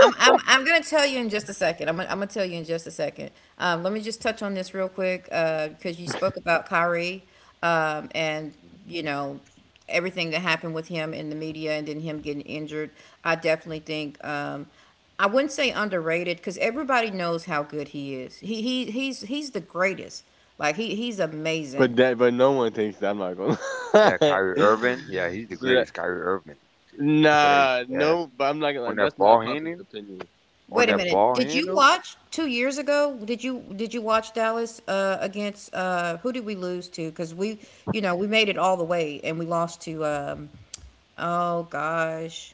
A: I'm gonna tell you in just a second. I'm gonna tell you in just a second. Let me just touch on this real quick, because you spoke about Kyrie, and you know everything that happened with him in the media, and then him getting injured. I definitely think, I wouldn't say underrated because everybody knows how good he is. He's he's the greatest. Like he's amazing.
B: Yeah, Kyrie Irving. Yeah, he's the greatest, Kyrie Irving. After that, yeah, on that ball handling, on
A: Wait a
B: that
A: minute.
B: ball
A: Did you
B: handle.
A: watch 2 years ago? Did you watch Dallas against who did we lose to? Because we, you know, we made it all the way and we lost to. Oh gosh,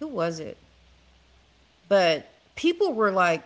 A: who was it? But people were like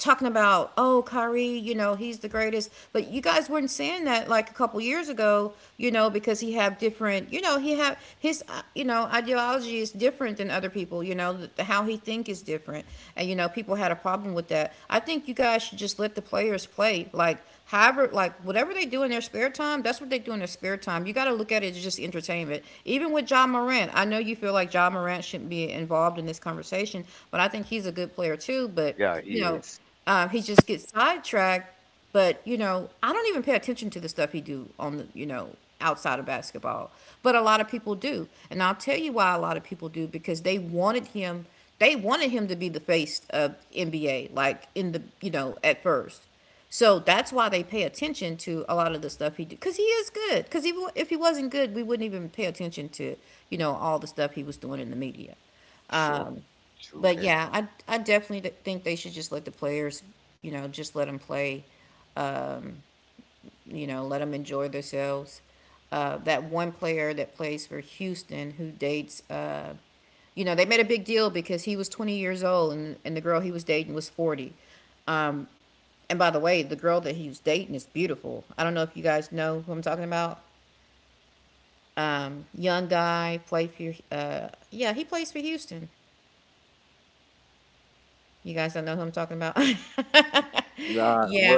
A: talking about, oh Kyrie, you know he's the greatest, but you guys weren't saying that like a couple years ago, you know, because he have different, you know, he have his, you know, ideology is different than other people, you know, how he think is different, and you know, people had a problem with that. I think you guys should just let the players play, like however, like whatever they do in their spare time, that's what they do in their spare time. You got to look at it as just entertainment. Even with John Morant, I know you feel like John Morant shouldn't be involved in this conversation, but I think he's a good player too, but
B: Yeah,
A: you
B: he
A: know,
B: is.
A: he just gets sidetracked. But you know, I don't even pay attention to the stuff he do on the, you know, outside of basketball. But a lot of people do, and I'll tell you why a lot of people do, because they wanted him. They wanted him to be the face of NBA, like in the, you know, at first. So that's why they pay attention to a lot of the stuff he do, because he is good. Because if he wasn't good, we wouldn't even pay attention to, you know, all the stuff he was doing in the media.
B: Sure,
A: Um,
B: true
A: but
B: that.
A: yeah, I definitely think they should just let the players, you know, just let them play, you know, let them enjoy themselves. That one player that plays for Houston who dates, you know, they made a big deal because he was 20 years old, and the girl he was dating was 40. Um, and by the way, the girl that he was dating is beautiful. I don't know if you guys know who I'm talking about. Young guy, played for, yeah, he plays for Houston. You guys don't know who I'm talking about? Yeah.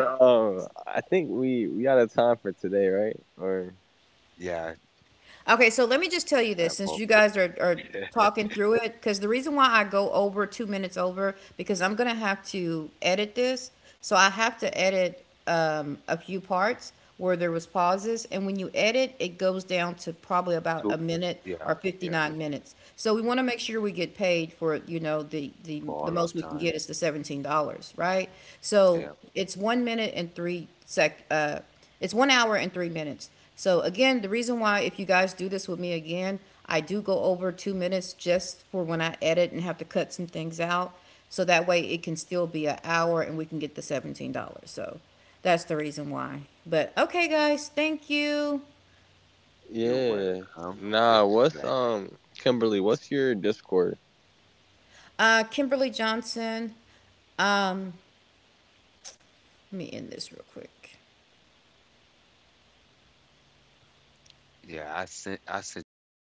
B: Yeah, to
A: Okay, so let me just tell you this
B: wrap
A: since
B: up.
A: you guys are talking through it, because the reason why I go over 2 minutes over, because I'm going to have to edit this. So I have to edit a few parts where there was pauses. And when you edit, it goes down to probably about
B: To,
A: a minute
B: yeah,
A: or
B: yeah,
A: 59 minutes. So we want to make sure we get paid for, you know,
B: for
A: the
B: all our
A: most we can
B: time.
A: get is the $17, right? So
B: Yeah.
A: it's one minute and three sec, it's 1 hour and 3 minutes. So again, the reason why if you guys do this with me again, I do go over 2 minutes just for when I edit and have to cut some things out. So that way it can still be an hour and we can get the $17. So that's the reason why. But okay, guys, thank you.
B: You're welcome. It's a pleasure.
A: Kimberly Johnson, let me end this real quick.
B: Yeah, I sent you all my